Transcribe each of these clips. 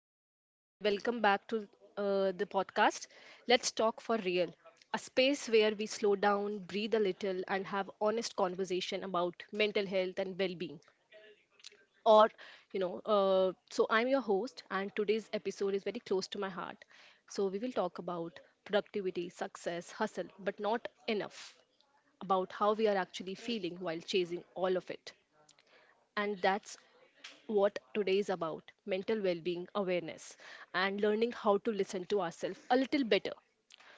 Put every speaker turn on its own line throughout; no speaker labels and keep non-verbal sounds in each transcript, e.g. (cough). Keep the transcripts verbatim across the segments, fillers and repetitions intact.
hello and welcome back to uh, the podcast. Let's talk for real. A space where we slow down, breathe a little, and have honest conversation about mental health and well-being. Or, you know, uh, so I'm your host, and today's episode is very close to my heart. So we will talk about productivity, success, hustle, but not enough about how we are actually feeling while chasing all of it. And that's what today is about, mental well being awareness and learning how to listen to ourselves a little better.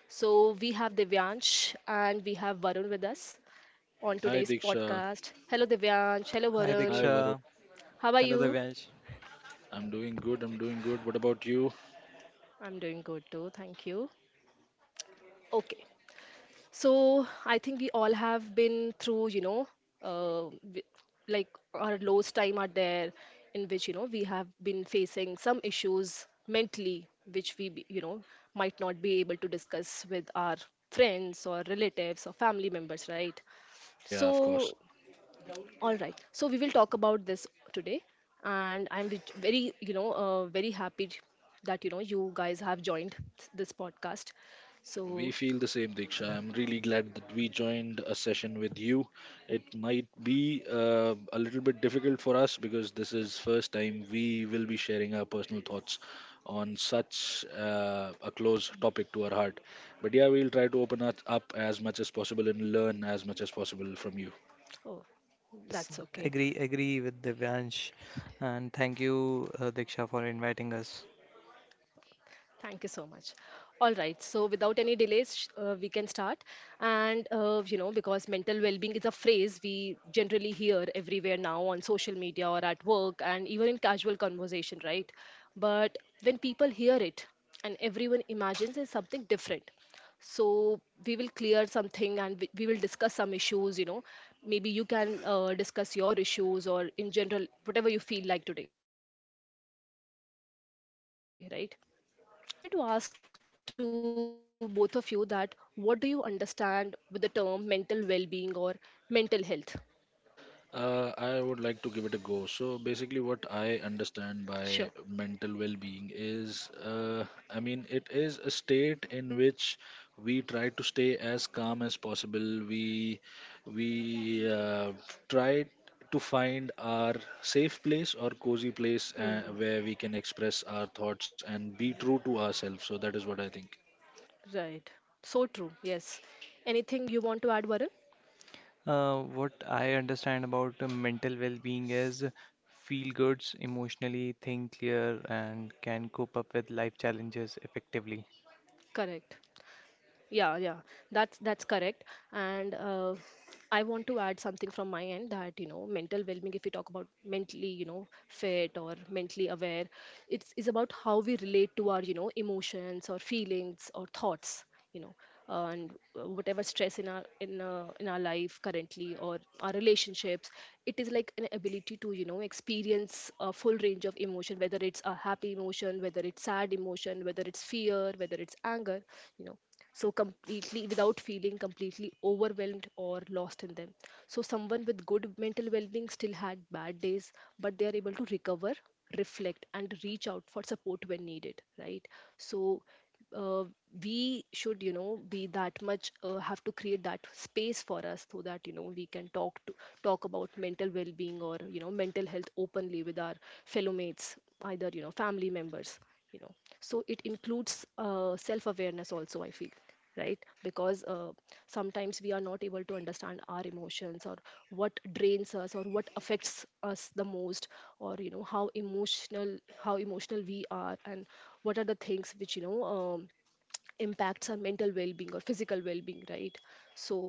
So, we have Devyansh and we have Varun with us on today's
Hi Diksha.
podcast. Hello, Devyansh. Hello,
Hi
Hi
Varun.
Diksha.
Varun.
How are
Hello
you?
Divyansh.
I'm doing good. I'm doing good. What about you?
I'm doing good too. Thank you. Okay. So I think we all have been through, you know, uh, w- like our lowest time are there in which, you know, we have been facing some issues mentally, which we, be- you know, might not be able to discuss with our friends or relatives or family members, right?
Yeah, of course.
So, all right. So we will talk about this today. And I'm vich- very, you know, uh, very happy, j- that, you know, you guys have joined this podcast.
We
So,
feel the same, Diksha. I'm really glad that we joined a session with you. It might be uh, a little bit difficult for us because this is first time we will be sharing our personal thoughts on such uh, a close topic to our heart. But yeah, we'll try to open us up as much as possible and learn as much as possible from you.
oh,
Yes,
that's okay.
agree agree with Divyansh and thank you uh, Diksha for inviting us.
Thank you so much. All right. So, without any delays, sh- uh, we can start. And, uh, you know, because mental well being is a phrase we generally hear everywhere now on social media or at work and even in casual conversation, right? But when people hear it, and everyone imagines it's something different. So, we will clear something, and we, we will discuss some issues, you know. Maybe you can uh, discuss your issues or in general, whatever you feel like today, right? Okay, so uh, I wanted to ask to both of you that what do you understand with the term mental well-being or mental health?
Uh, I would like to give it a go. So
Sure.
basically, what I understand by mental well-being is, uh, I mean, it is a state in which we try to stay as calm as possible. We we uh, try to find our safe place or cozy place
Hmm.
uh, where we can express our thoughts and be true to ourselves. So that is what I think.
Right. So true. Yes. Anything you want to add, Varun?
Uh, what I understand about uh, mental well-being is feel goods, emotionally think clear and can cope up with life challenges effectively.
Correct. Yeah, yeah, that's that's correct. And uh, I want to add something from my end that you know mental well-being. If we talk about mentally, you know, fit or mentally aware, it's is about how we relate to our you know emotions or feelings or thoughts. You know, uh, and uh, whatever stress in our in uh, in our life currently or our relationships, it is like an ability to you know experience a full range of emotion, whether it's a happy emotion, whether it's sad emotion, whether it's fear, whether it's anger. You know so completely, without feeling completely overwhelmed or lost in them. So someone with good mental well-being still had bad days, but they are able to recover, reflect and reach out for support when needed, right? So uh, we should, you know be that much, uh, have to create that space for us, so that you know we can talk to talk about mental well-being or you know mental health openly with our fellow mates, either you know family members you know so it includes uh, self awareness also, I feel, right? Because uh, sometimes we are not able to understand our emotions, or what drains us, or what affects us the most, or you know how emotional, how emotional we are, and what are the things which, you know um, impacts our mental well-being or physical well-being, right? So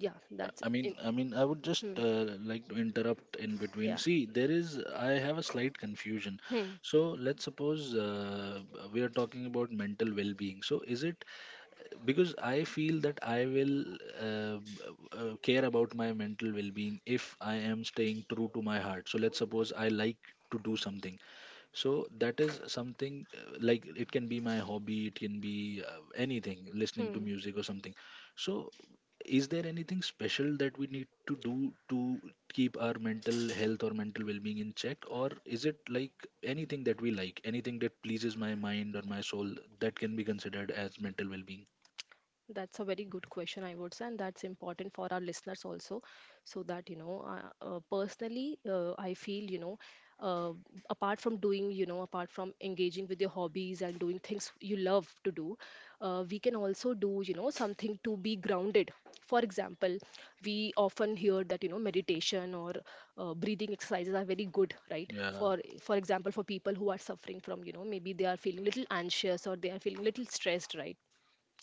yeah,
Yeah,
that's
I mean,
in.
I mean, I would
Hmm,
just uh, like to interrupt in between.
yeah.
See, there is, I have a slight confusion.
Hmm.
So let's suppose uh, we are talking about mental well-being. So is it, because I feel that I will uh, uh, care about my mental well-being if I am staying true to my heart. So let's suppose I like to do something. So that is something uh, like it can be my hobby, it can be uh, anything, listening to
Hmm.
music or something. So is there anything special that we need to do to keep our mental health or mental well-being in check, or is it like anything that we like, anything that pleases my mind or my soul that can be considered as mental well-being?
That's a very good question, I would say, and that's important for our listeners also. So that, you know, uh, uh, personally, uh, I feel, you know, uh, apart from doing, you know, apart from engaging with your hobbies and doing things you love to do, uh, we can also do, you know, something to be grounded. For example, we often hear that, you know, meditation or uh, breathing exercises are very good, right?
Yeah,
For for example, for people who are suffering from, you know, maybe they are feeling little anxious or they are feeling little stressed, right?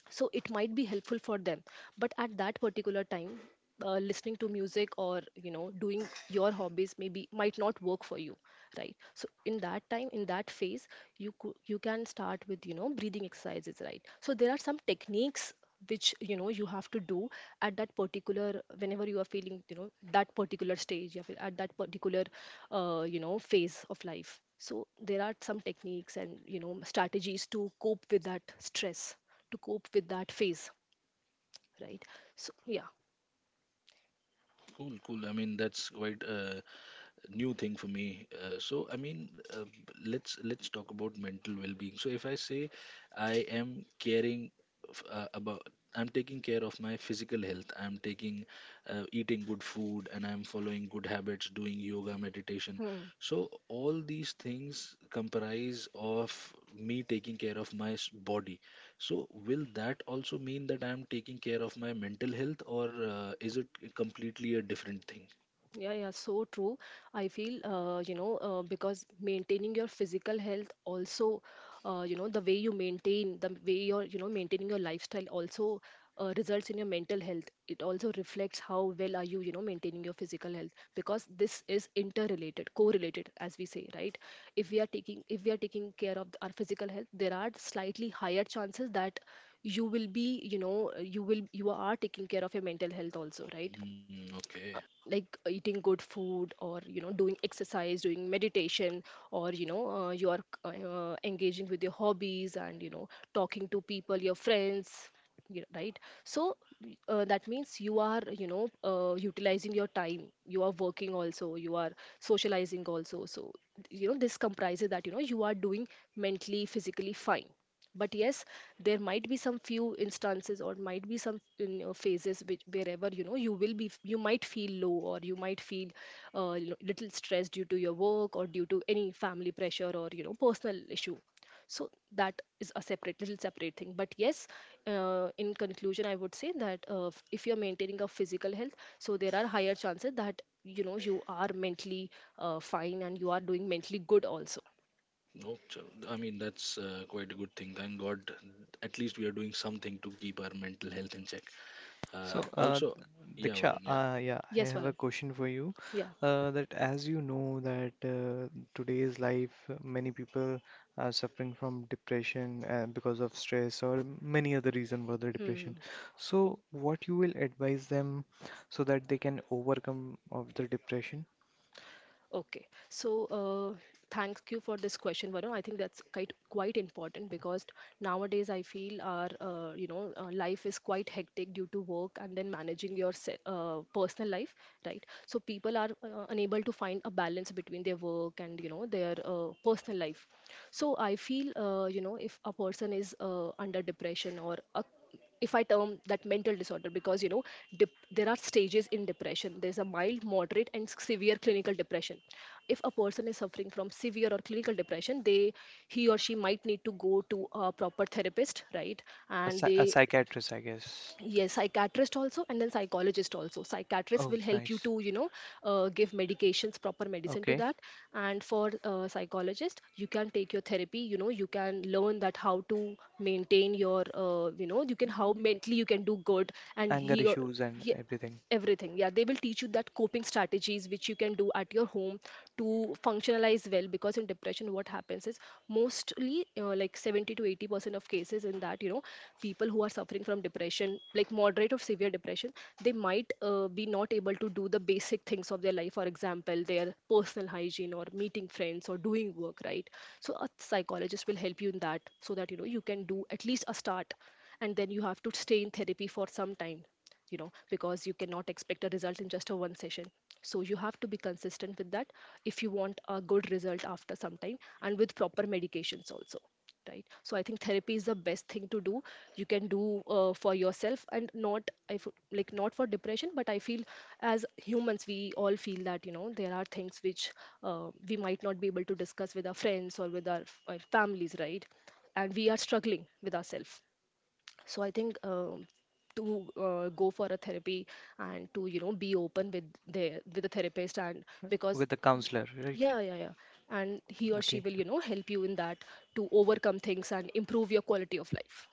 So it might be helpful for them, but at that particular time, uh, listening to music or you know doing your hobbies maybe might not work for you, right? So in that time, in that phase, you cou- you can start with, you know breathing exercises, right? So there are some techniques which, you know you have to do at that particular, whenever you are feeling, you know that particular stage you are at, that particular uh, you know phase of life. So there are some techniques, and you know strategies to cope with that stress, to cope with that phase, right? So yeah.
cool, cool. I mean, that's quite uh, new thing for me. Uh, so I mean, uh, let's let's talk about mental well-being. So if I say I am caring f- uh, about, I'm taking care of my physical health. I'm taking uh, eating good food, and I'm following good habits, doing yoga, meditation.
Hmm.
So all these things comprise of me taking care of my s- body. So will that also mean that I'm taking care of my mental health, or uh, is it completely a different thing?
Yeah, yeah, so true. I feel, uh, you know, uh, because maintaining your physical health also, uh, you know, the way you maintain, the way you're, you know, maintaining your lifestyle also uh, results in your mental health. It also reflects how well are you, you know, maintaining your physical health, because this is interrelated, correlated, as we say, right? If we are taking, if we are taking care of our physical health, there are slightly higher chances that you will be, you know, you will, you are taking care of your mental health also, right?
Mm, okay.
Like eating good food, or you know doing exercise, doing meditation, or you know uh, you are, uh, engaging with your hobbies and you know talking to people, your friends y- right? So uh, that means you are, you know uh, utilizing your time, you are working also, you are socializing also. So you know this comprises that, you know you are doing mentally, physically fine. But yes, there might be some few instances or might be some, you know, phases which, wherever you know you will be, you might feel low, or you might feel uh, you know, little stressed, due to your work or due to any family pressure or you know personal issue. So that is a separate, little separate thing. But yes, uh, in conclusion, I would say that, uh, f- if you're maintaining a physical health, so there are higher chances that, you know you are mentally uh, fine, and you are doing mentally good also.
No, chal- I mean that's uh, quite a good thing. Thank God, at least we are doing something to keep our mental health in check. Uh,
So, uh,
also, yeah,
Diksha,
Varun, yeah.
uh, yeah, I
Yes,
have a
Varun.
question for you.
Yeah.
Uh, that as you know that uh, today's life, uh, many people are suffering from depression uh, because of stress or many other reason for the
Hmm. Hmm.
depression. So, what you will advise them so that they can overcome of the depression?
Okay, so uh, thank you for this question, Varun. I think that's quite quite important, because nowadays I feel our uh, you know uh, life is quite hectic due to work and then managing your se- uh, personal life, right? So people are uh, unable to find a balance between their work and you know their uh, personal life. So I feel, uh, you know if a person is uh, under depression, or a, if I term that mental disorder, because you know dep- there are stages in depression. There's a mild, moderate and severe clinical depression. If a person is suffering from severe or clinical depression, they he or she might need to go to a proper therapist, right?
A,
And
psy a
they,
psychiatrist, I guess.
yes, psychiatrist also, and then psychologist also. Psychiatrist
Oh,
will help you
nice.
to, you know uh, give medications, proper medicine to
Okay.
that. And for uh, psychologist you can take your therapy. You know you can learn that how to maintain your, uh, you know you can, how mentally you can do good. And
Anger
he or—
issues and
ye-
everything
everything, yeah, they will teach you that coping strategies which you can do at your home to functionalize well. Because in depression what happens is, mostly uh, like seventy to eighty percent of cases in that, you know people who are suffering from depression, like moderate or severe depression, they might uh, be not able to do the basic things of their life, for example their personal hygiene, or meeting friends, or doing work, right? So a psychologist will help you in that, so that, you know you can do at least a start. And then you have to stay in therapy for some time, you know because you cannot expect a result in just a one session. So you have to be consistent with that, if you want a good result after some time, and with proper medications also, right? So I think therapy is the best thing to do. You can do uh, for yourself. And not, i f- like, not for depression, but I feel, as humans we all feel that, you know there are things which, uh, we might not be able to discuss with our friends or with our, our families, right? And we are struggling with ourselves. So I think, um to uh, go for a therapy, and to you know be open with the with the therapist, and because,
with the counselor, right?
yeah, yeah, yeah, and he or she
Okay.
will, you know help you in that, to overcome things and improve your quality of life.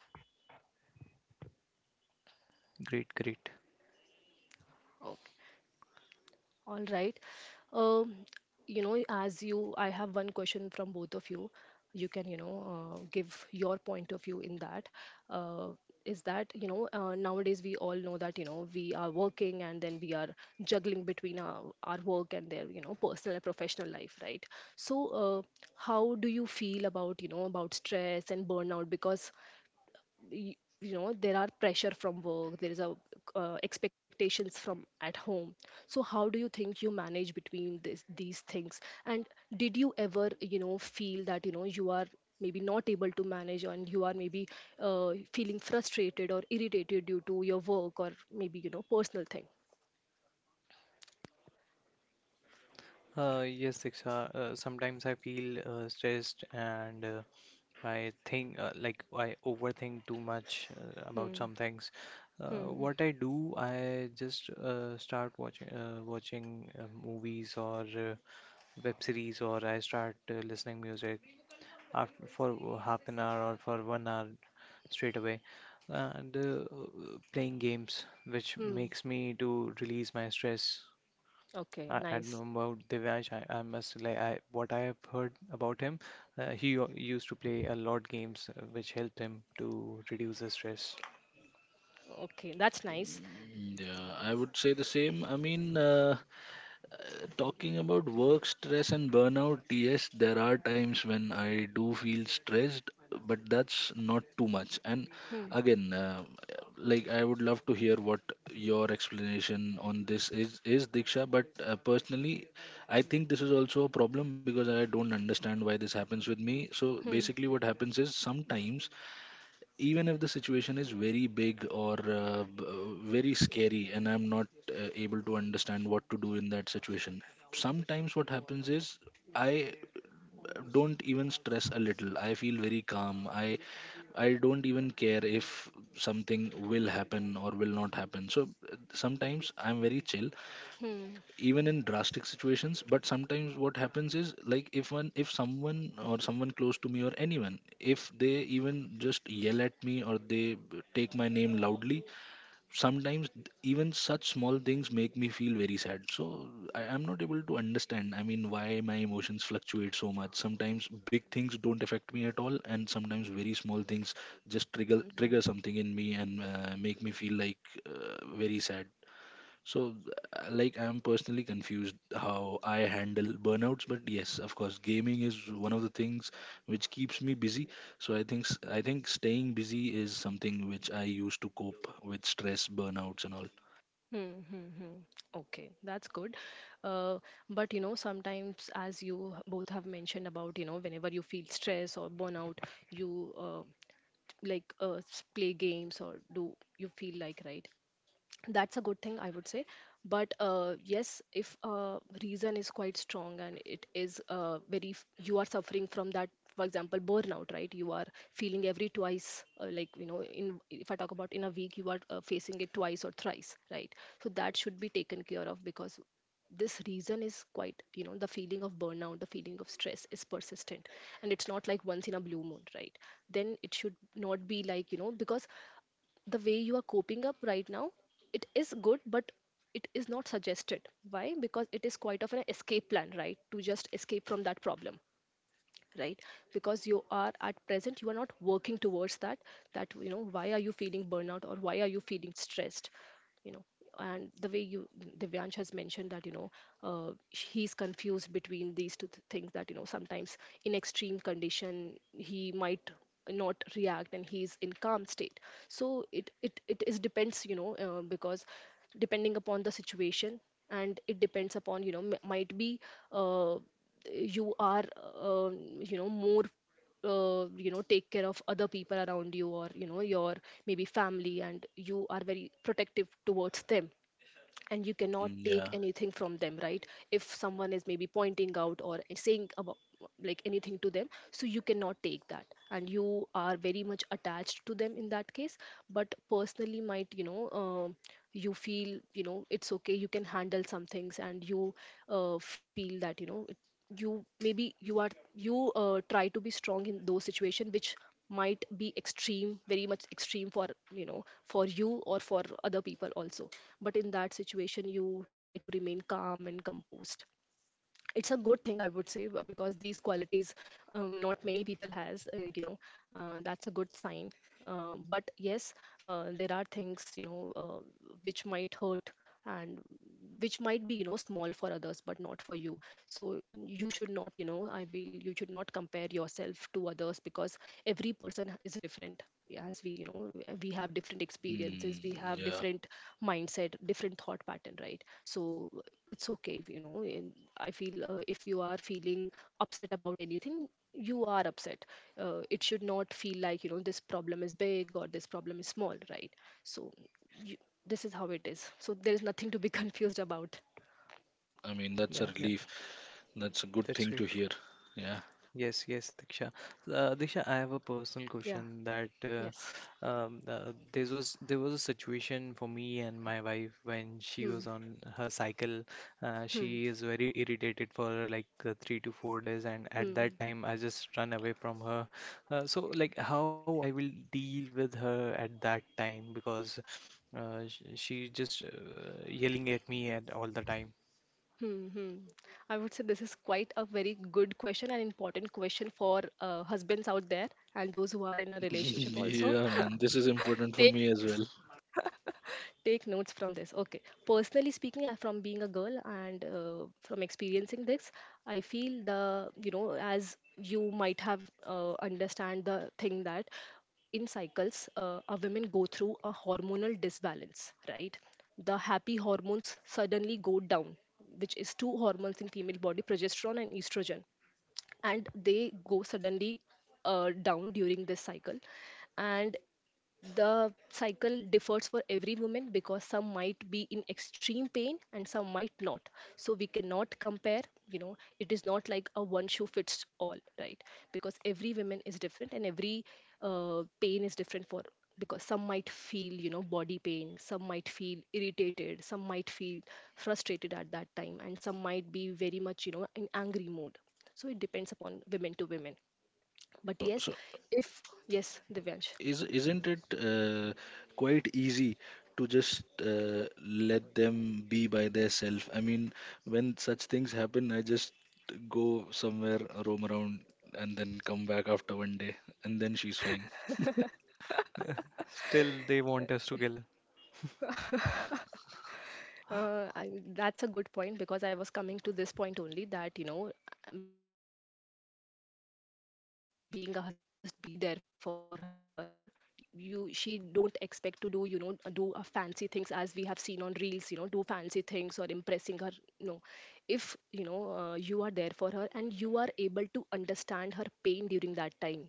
Great, great.
Oh. All right. Um, you know, as you, I have one question from both of you. You can, you know, uh, give your point of view in that. Uh, is that, you know, uh, nowadays we all know that, you know, we are working and then we are juggling between our, our work and their, you know, personal and professional life, right? So, uh, how do you feel about, you know, about stress and burnout? Because y- you know there are pressure from work, there is a uh, expectations from at home, so how do you think you manage between this, these things, and did you ever, you know, feel that you know you are maybe not able to manage and you are maybe uh, feeling frustrated or irritated due to your work or maybe, you know, personal thing.
Uh, yes, Diksha. Uh, sometimes I feel uh, stressed and uh, I think uh, like I overthink too much uh, about
Hmm.
some things. Uh,
Hmm.
what I do, I just uh, start watching uh, watching uh, movies or uh, web series, or I start uh, listening music after for half an hour or for one hour straight away, and uh, playing games, which
Hmm.
makes me to release my stress.
Okay,
I, I don't know
nice.
about Divyansh. I, I must like I what I have heard about him. Uh, he u- used to play a lot games, uh, which helped him to reduce the stress.
Okay, that's nice.
Mm, yeah, I would say the same. I mean, uh, talking about work stress and burnout, yes, there are times when I do feel stressed, but that's not too much. And
Hmm.
again, uh, like, I would love to hear what your explanation on this is, is Diksha. But uh, personally, I think this is also a problem because I don't understand why this happens with me. So
Hmm.
basically, what happens is sometimes, even if the situation is very big or uh, b- uh, very scary and I'm not uh, able to understand what to do in that situation, sometimes what happens is I uh, don't even stress a little. I feel very calm. I i don't even care if something will happen or will not happen. So uh, sometimes I'm very chill
Hmm.
even in drastic situations. But sometimes what happens is like, if one if someone or someone close to me or anyone, if they even just yell at me or they b- take my name loudly, sometimes th- even such small things make me feel very sad. So I, i'm not able to understand. I mean, why my emotions fluctuate so much? Sometimes big things don't affect me at all, and sometimes very small things just trigger
Hmm.
trigger something in me and uh, make me feel like uh, very sad. So, uh, like, I'm personally confused how I handle burnouts, but yes, of course, gaming is one of the things which keeps me busy. So I think s- I think staying busy is something which I use to cope with stress, burnouts, and all.
Hmm, hmm, hmm. Okay, that's good. Uh, but you know, sometimes, as you h- both have mentioned about, you know, whenever you feel stress or burnout, you uh, like uh, s- play games or do you feel like, right? That's a good thing, I would say. But uh, yes, if uh, reason is quite strong and it is uh, very f- you are suffering from that. For example, burnout, right? You are feeling every twice, uh, like, you know, in, if I talk about in a week you are uh, facing it twice or thrice, right? So that should be taken care of, because this reason is quite, you know, the feeling of burnout, the feeling of stress is persistent, and it's not like once in a blue moon, right? Then it should not be like, you know, because the way you are coping up right now, it is good, but it is not suggested. Why? Because it is quite of an escape plan, right? To just escape from that problem, right? Because you are, at present, you are not working towards that, that, you know, why are you feeling burnout or why are you feeling stressed, you know. And the way you, Divyansh has mentioned that, you know, uh, he's confused between these two th- things, that you know sometimes in extreme condition he might not react and he's in calm state. So it it, it is depends, you know, uh, because depending upon the situation, and it depends upon, you know, m- might be uh, you are um, you know, more, uh, you know, take care of other people around you, or you know your maybe family, and you are very protective towards them, and you cannot
Mm,
take
yeah,
anything from them, right? If someone is maybe pointing out or saying about like anything to them, so you cannot take that, and you are very much attached to them in that case. But personally might, you know, um, you feel, you know, it's okay, you can handle some things, and you uh, feel that, you know, it, you maybe, you are, you uh, try to be strong in those situation which might be extreme, very much extreme for, you know, for you or for other people also. But in that situation you try to remain calm and composed. It's a good thing, I would say, b- because these qualities, um, not many people has, uh, you know, uh, that's a good sign. Uh, but yes, uh, there are things, you know, uh, which might hurt, and which might be, you know, small for others but not for you. So you should not, you know, I will, you should not compare yourself to others, because every person is different. Yeah, as we, you know, we have different experiences, we
mm,
have
yeah.
different mindset, different thought pattern, right? So, uh, it's okay if, you know, in, I feel, uh, if you are feeling upset about anything, you are upset. Uh, it should not feel like, you know, this problem is big or this problem is small, right? So you, this is how it is, so there is nothing to be (laughs) confused about.
I mean, that's a
Yeah, yeah,
relief. That's a good
that's
thing to
great.
hear. Yeah,
Yes, yes, Diksha. So, Uh, Diksha, I have a personal
Yeah.
question that uh,
Yes.
um, uh, there was there was a situation for me and my wife when she
Hmm.
was on her cycle. Uh,
Hmm.
she is very irritated for like uh, three to four days, and at that
Hmm.
time, I just run away from her. Uh, so, like, how I will deal with her at that time because uh, sh- she just uh, yelling at me at all the time.
Hmm, hmm. I would say this is quite a very good question and important question for uh, husbands out there, and those who are in a
(laughs)
relationship also.
yeah, man. This is important for me as well.
Take notes from this, okay. Personally speaking, uh, from being a girl and uh, from experiencing this, I feel the, you know, as you might have uh, understand the thing that in cycles, uh, a women go through a hormonal disbalance, right? The happy hormones suddenly go down, which is two hormones in female body, progesterone and estrogen, and they go suddenly uh, down during this cycle. And the cycle differs for every woman, because some might be in extreme pain and some might not. So we cannot compare, you know, it is not like a one shoe fits all, right? Because every woman is different, and every uh, pain is different for, because some might feel, you know, body pain, some might feel irritated, some might feel frustrated at that time, and some might be very much, you know, in angry mode. So it depends upon women to women. But
So,
yes,
so
if yes, Divyansh.
is isn't it uh, quite easy to just uh, let them be by their self? I mean, when such things happen, I just go somewhere, roam around, and then come back after one day, and then she's fine.
(laughs) Still, they want us together.
(laughs) Uh, I, that's a good point, because I was coming to this point only that, you know, being a husband or being a boyfriend, you can do is that just be there for her. You, she don't expect to do, you know, do uh, fancy things as we have seen on reels, you know, do fancy things or impressing her. No, if you know uh, you are there for her and you are able to understand her pain during that time,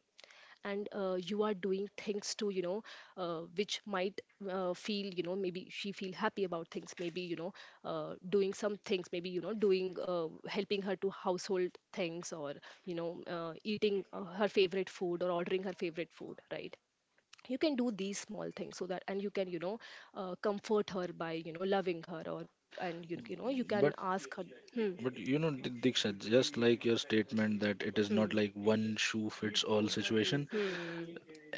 and uh, you are doing things to, you know, uh, which might uh, feel, you know, maybe she feel happy about things, maybe, you know, uh, doing some things, maybe, you know, doing uh, helping her to household things, or you know, uh, eating uh, her favorite food or ordering her favorite food, right? You can do these small things, so that, and you can, you know, uh, comfort her by, you know, loving her, or and you, you know you can
but
ask her. Hmm.
but you know Di- diksha, just like your statement, that it is not
Hmm.
like one shoe fits all situation.
Hmm,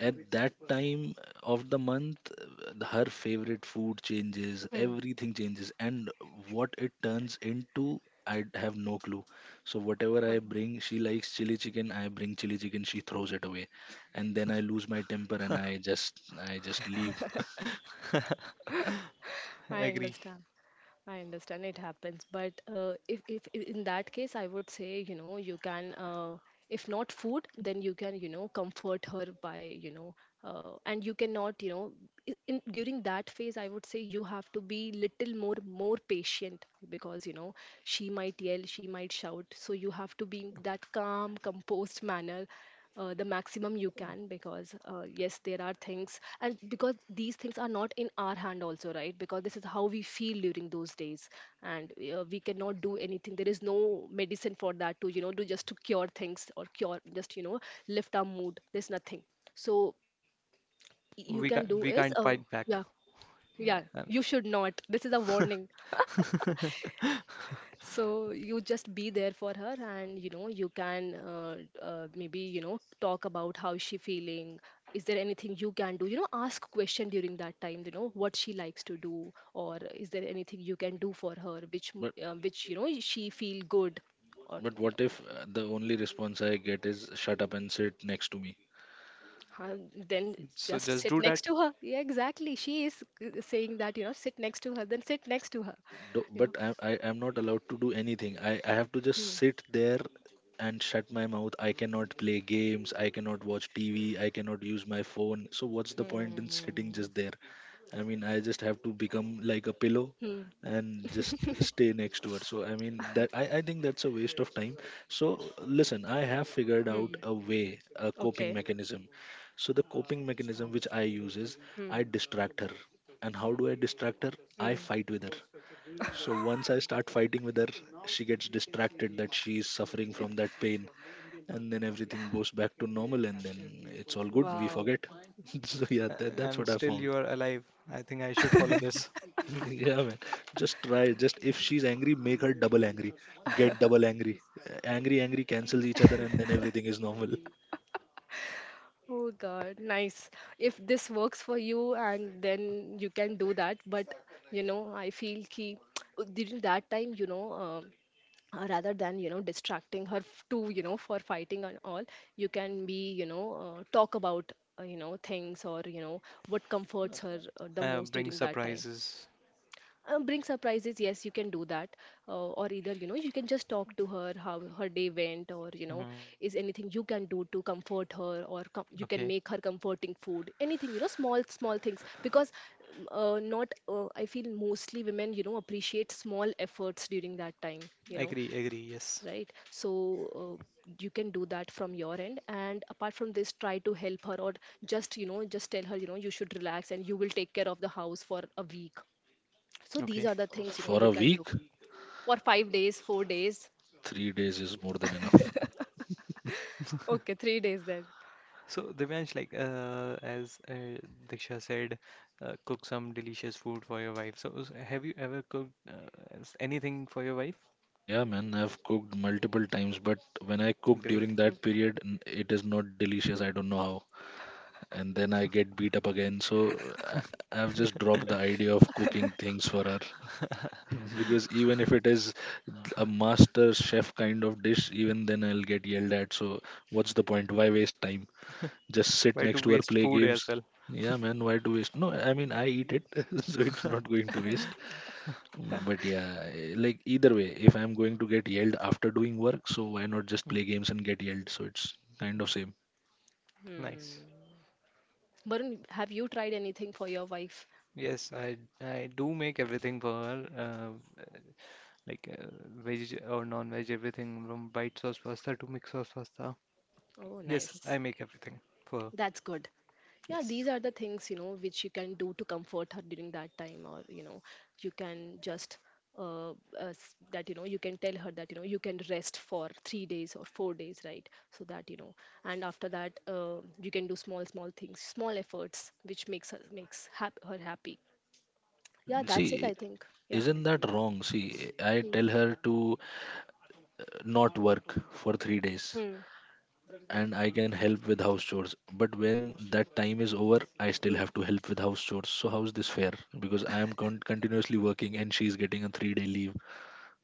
At that time of the month, uh, her favorite food changes,
hmm.
everything changes, and what it turns into I have no clue. So whatever I
Huh.
bring, she likes chili chicken, I bring chili chicken, she throws it away, and then I lose my temper, and i just i just leave.
(laughs)
I
Agree.
understand. I understand it happens, but uh, if, if i- in that case, I would say, you know, you can, uh, if not food, then you can, you know, comfort her by, you know, uh, and you cannot, you know, i- in during that phase I would say you have to be little more more patient, because you know she might yell, she might shout, so you have to be in that calm, composed manner uh, the maximum you can, because uh, yes, there are things, and because these things are not in our hand also, right? Because this is how we feel during those days, and uh, we cannot do anything, there is no medicine for that to, you know, do just to cure things, or cure, just, you know, lift our mood, there's nothing. So you can
we
do
can't we
is,
can't
oh
fight back.
yeah. Yeah,
Uh, um,
you should not, this is a warning. So you just be there for her, and you know you can, uh, uh, maybe, you know, talk about how she feeling, is there anything you can do, you know, ask question during that time, you know what she likes to do, or is there anything you can do for her which m-
but
uh, which, you know, she feel good, or
but
you
what
know.
if uh, the only response I get is shut up and sit next to me?
Huh, then
so
just
just
sit
do
next
that,
to her, yeah, exactly, she is uh, saying that, you know, sit next to her, then sit next to her,
Do-
you know.
but I, I am not allowed to do anything. I, I have to
Hmm.
just sit there and shut my mouth. I cannot play games, I cannot watch T V, I cannot use my phone, so what's the point in sitting
Hmm.
just there? I mean, I just have to become like a
Hmm.
pillow and just stay next to her. So I mean, that I, I think that's a waste of time. So listen, I have figured
Hmm.
out a way, a coping
Okay.
mechanism. So the coping mechanism which I use is,
Hmm.
I distract her. And how do I distract her? I
Hmm.
fight with her. So once I start fighting with her, she gets distracted that she is suffering from that pain, and then everything goes back to normal, and then it's all good. We
Wow.
forget. (laughs) So yeah,
uh,
N-
that, that's
and
what I
still
found.
you are alive. I think I should follow this.
(laughs) Yeah, man. Just try. Just, if she's angry, make her double angry. Get double angry. Uh, Angry, angry cancels each other, and then everything is normal.
Oh God, nice. If this works for you, and then you can do that. But you know, I feel ki (tsk) during that time, you know, um, uh, rather than, you know, distracting her f- to, you know, for fighting and all, you can be, you know, uh, talk about uh, you know things or you know what comforts her uh, the
Uh,
most
bring
during that time.
surprises.
Um, bring surprises, yes, you can do that. Uh, or either, you know, you can just talk to her how her day went, or you know,
Hmm.
is anything you can do to comfort her, or com- you can
Okay,
make her comforting food, anything, you know, small small things, because um, uh, not uh, I feel mostly women, you know, appreciate small efforts during that time, you know,
agree, agree. Yes.
right? So, uh, you can do that from your end, and apart from this, try to help her, or just, you know, just tell her, you know, you should relax and you will take care of the house for a week. So these
Okay.
are the things, you know,
For
you
a
can do.
week,
For five days, four days.
three days is more than enough.
Okay, three days then.
So Divyansh, like uh, as uh, Diksha said, uh, cook some delicious food for your wife. So s- have you ever cooked uh, s- anything for your wife?
Yeah, man, I've cooked multiple times, but when I cook
Great.
during
Hmm.
that period, n- it is not delicious. I don't know how. And then I get beat up again. So I, I've just dropped the idea of cooking things for her (laughs) because even if it is a master chef kind of dish, even then I'll get yelled at. So what's the point? Why waste time? Just sit
Why
next
to
to her,
waste
play
food as
games.
well?
Yeah, man, why do waste? No, I mean, I eat it, (laughs) so it's not going to waste. But yeah, eh, like, either way, if I'm going to get yelled after doing work, so why not just
Mm,
play games and get yelled? So it's kind of same.
nice.
Hmm. Varun, have you tried anything for your wife?
Yes, I I do make everything for her. Uh, like uh, veg or non-veg, everything from white sauce pasta to mixed sauce pasta.
Oh,
Yes, I
nice.
make everything for.
That's good. Yeah,
Yes.
these are the things, you know, which you can do to comfort her during that time, or you know, you can just uh, uh, s- that, you know, you can tell her that, you know, you can rest for three days or four days, right? So that you know. And after that uh, you can do small small things, small efforts which makes her makes hap- her happy.
But
Yeah, that's it,
see,
I think. Yeah.
isn't that wrong? See, I
Hmm.
tell her to not work for three days
Hmm.
and I can help with house chores. But when that time is over, I still
Hmm.
have to help with house chores. So how is this fair? Because I am con- continuously working and she's getting a three day leave.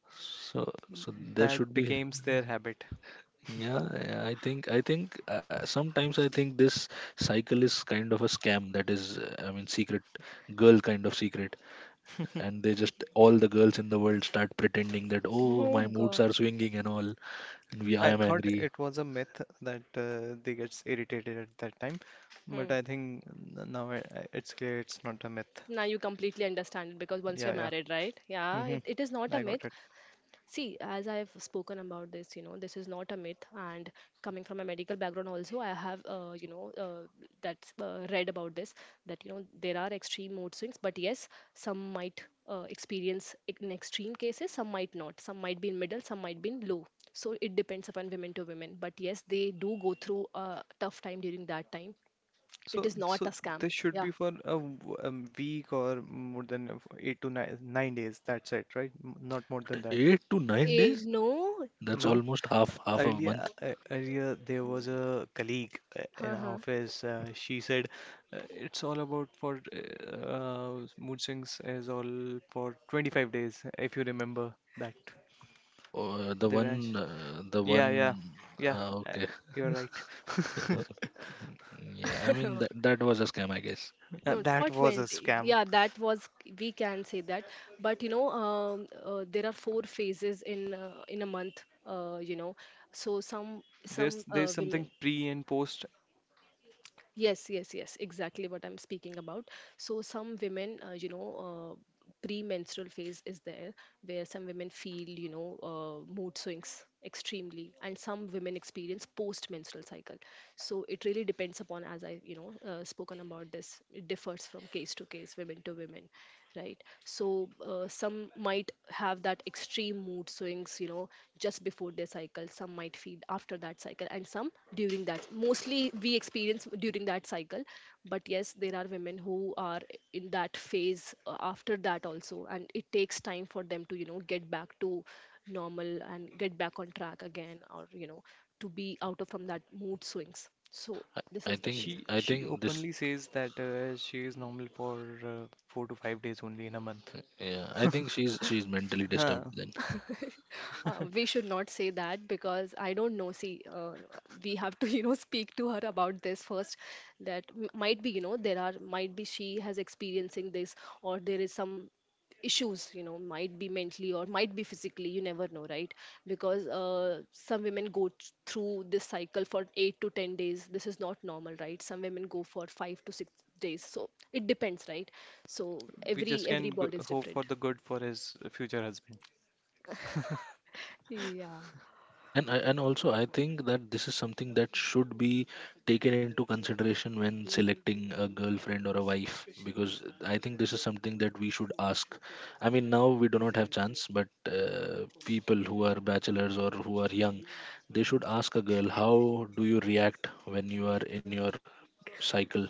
Oh
So,
God.
so there
That
should be.
becomes their habit.
Yeah, yeah, I think I think uh, sometimes I think this cycle is kind of a scam. That is, uh, I mean, secret girl kind of secret, and they just, all the girls in the world start pretending that, oh, my moods are swinging and all, and we I
I
am
thought
angry.
it was a myth that uh, they gets irritated at that time, but
Hmm.
I think n- now I, I- it's clear it's not a myth.
Now you completely understand it because once you're
Yeah, yeah.
married, right? Yeah,
Hmm.
it, it is not a
I got
myth.
it.
See, as I have spoken about this, you know, this is not a myth. And coming from a medical background, also, I have, uh, you know, uh, that's uh, read about this that, you know, there are extreme mood swings, but yes, some might uh, experience it in extreme cases, some might not. Some might be in middle, some might be in low. So it depends upon women to women. But yes, they do go through a tough time during that time. It
So,
is not
so
a scam.
this should
Yeah.
be for a, w- a week or more than uh, eight to nine, nine days. That's it, right? M- Not more
What,
than that.
eight to nine
Eh,
days?
no,
That's
who?
No?
almost half half a
Earlier,
month.
uh, earlier there was a colleague uh,
(laughs)
in our
Haha.
office. Uh, she said, uh, "It's all about for uh, uh, mood swings is all for twenty-five days." If you remember that,
Uh, the
Devansh.
one, uh, the
Yeah,
one
yeah, yeah.
uh,
Uh,
okay.
you're
(laughs)
right. (laughs)
Uh, yeah, I mean that
(laughs)
that was a scam, I guess.
Uh,
No,
That
for
was a
twenty.
scam.
Yeah, that was, we can say that. But you know, um, uh, there are four phases in uh, in a month, uh, you know. So some
There's
some
there's
uh,
something
women.
pre and post.
Yes, yes, yes, exactly what I'm speaking about. So, some women, uh, you know, uh, premenstrual phase is there where some women feel, you know, uh, mood swings extremely, and some women experience post-menstrual cycle. So, it really depends upon, as I, you know, uh, spoken about this, it differs from case to case, women to women, right? So uh, some might have that extreme mood swings, you know, just before their cycle. Some might feel after that cycle, and some during that, mostly we experience during that cycle. But yes, there are women who are in that phase uh, after that also, and it takes time for them to, you know, get back to normal and get back on track again, or you know, to be out of from that mood swings. So this
I, I
is the case.
think
She
i
she
think this.
openly says that uh, she is normal for uh, four to five days only in a month.
Yeah, I think she's she's mentally disturbed
Huh.
then.
(laughs) Uh, we should not say that because I don't know. See, uh, we have to, (laughs) you know, speak to her about this first. That m- might be, you know, there are might be she has experiencing this, or there is some issues, you know, might be mentally or might be physically, you never know, right? Because uh, some women go t- through this cycle for eight to ten days. This is not normal, right? Some women go for five to six days, so it depends, right? So
We just
every
can
every
go-
body is
hope for
different.
the good for his future husband?
Yeah.
And I, and also, I think that this is something that should be taken into consideration when selecting a girlfriend or a wife, because I think this is something that we should ask. I mean, now we do not have chance, but uh, people who are bachelors or who are young, they should ask a girl, how do you react when you are in your cycle?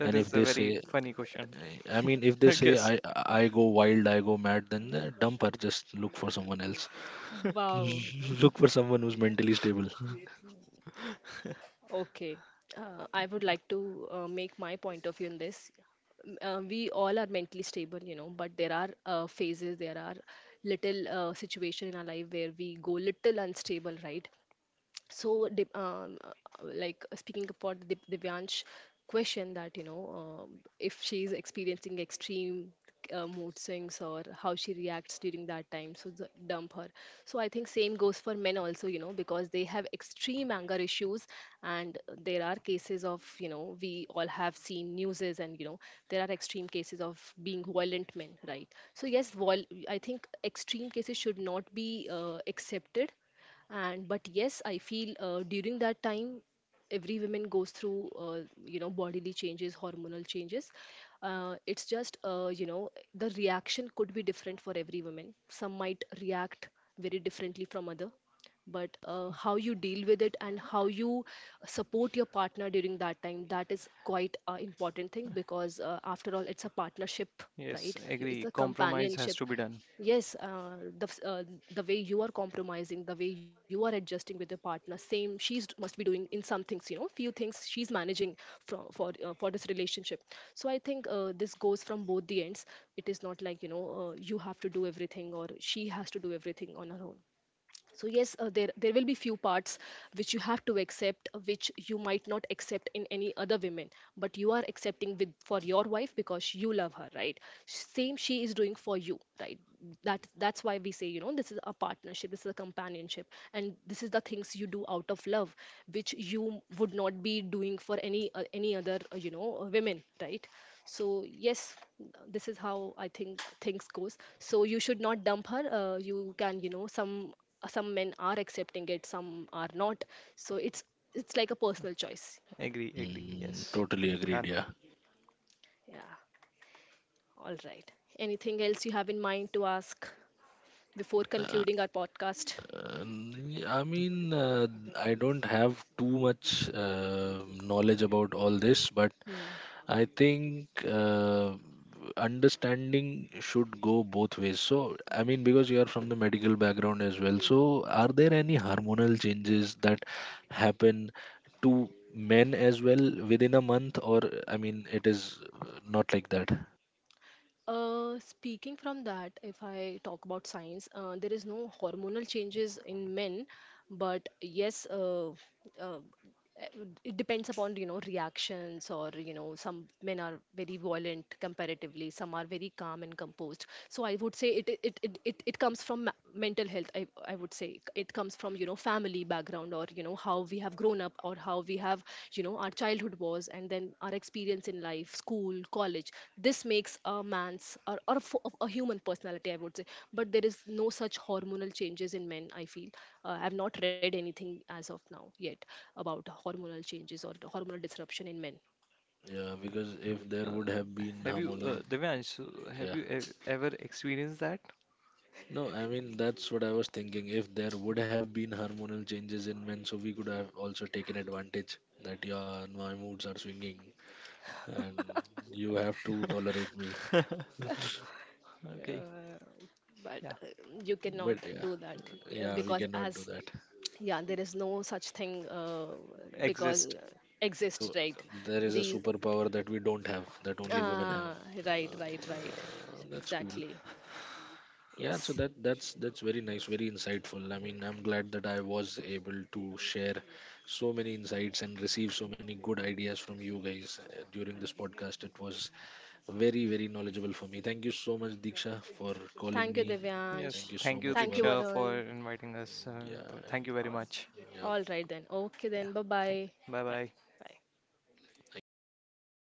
And if
is
they
a
say,
very funny question,
I mean, if
(laughs)
they
I
say, i
guess.
i go wild, I go mad, then uh, dump her, just look for someone else.
Wow.
L- look for someone who's mentally stable.
Okay, uh, I would like to uh, make my point of view in this. M- Uh, we all are mentally stable, you know, but there are uh, phases, there are little uh, situation in our life where we go little unstable, right? so dip- um, uh, like uh, speaking about the Divyansh question that, you know, um, if she's experiencing extreme uh, mood swings or how she reacts during that time, so the- dump her. So I think same goes for men also, you know, because they have extreme anger issues, and there are cases of, you know, we all have seen newses and, you know, there are extreme cases of being violent men, right? So yes, vol- I think extreme cases should not be uh, accepted. And but yes, I feel uh, during that time every woman goes through uh, you know, bodily changes, hormonal changes. Uh, it's just uh, you know, the reaction could be different for every woman. Some might react very differently from other. But uh, how you deal with it and how you support your partner during that time, that is quite an important thing because uh, after all it's a partnership,
Yes,
right? You-
agree.
it's a
Compromise has
companionship.
to be done.
Yes, uh, the f- uh, the way you are compromising, the way you are adjusting with your partner, same she's d- must be doing in some things, you know, few things she's managing for for uh, for this relationship. So I think uh, this goes from both the ends. It is not like, you know, uh, you have to do everything or she has to do everything on her own. So yes, uh, there there will be few parts which you have to accept, uh, which you might not accept in any other women, but you are accepting with for your wife because you love her, right? Same she is doing for you, right? That that's why we say, you know, this is a partnership, this is a companionship, and this is the things you do out of love which you would not be doing for any uh, any other uh, you know, uh, women, right? So yes, this is how I think things goes. So you should not dump her. Uh, you can, you know, some some men are accepting it, some are not. So it's it's like a personal choice.
Agree, agree.
Mm,
Yes,
totally agreed.
done.
Yeah.
Yeah, all right. Anything else you have in mind to ask before
Nah,
concluding our podcast?
Uh, I mean, uh, I don't have too much uh, knowledge about all this, but
Hmm.
I think uh, understanding should go both ways. So, I mean, because you are from the medical background as well,
Hmm.
so are there any hormonal changes that happen to men as well within a month, or I mean, it is uh, not like that?
Uh, speaking from that, if I talk about science, uh, there is no hormonal changes in men, but yes, uh, uh, it depends upon, you know, reactions, or you know, some men are very violent comparatively, some are very calm and composed. So I would say it it it it, it comes from ma- mental health. I I would say it comes from, you know, family background, or you know, how we have grown up or how we have, you know, our childhood was, and then our experience in life, school, college. This makes a man's, or, or a, fo- a human personality, I would say. But there is no such hormonal changes in men, I feel. uh, I've not read anything as of now yet about hormonal changes or the hormonal disruption in men.
Yeah, because if there
Uh,
would have been
have you,
hormonal,
uh, Divyansh, so have
yeah.
you e ever experienced that?
No, I mean that's what I was thinking. If there would have been hormonal changes in men, so we could have also taken advantage that your my moods are swinging and you have to tolerate me.
(laughs) Okay,
Uh, but
yeah,
uh, You cannot
But yeah,
do that uh,
yeah, we
because,
cannot do
as
that.
yeah, there is no such thing, uh, because
exist.
uh, exist,
So
right?
there is a
Yes,
These,
superpower that we don't have, that only women have.
uh, right, right, right,
Uh, that's cool.
exactly.
Yeah, so
Yes.
that that's that's very nice, very insightful. I mean, I'm glad that I was able to share so many insights and receive so many good ideas from you guys uh, during this podcast. It was very, very knowledgeable for me. Thank you so much, Diksha, for calling
Thank you,
me.
yes.
Divyansh.
Thank you
Thank
so
you,
much,
Thank you,
Varun.
Diksha, for
Varun.
inviting us.
Yeah,
Uh,
and
thank you very
All,
much.
yeah,
all right then. Okay
Yeah,
then. Bye
thank
bye.
you. Bye
Bye.
bye.
Bye.
thank you. Bye bye.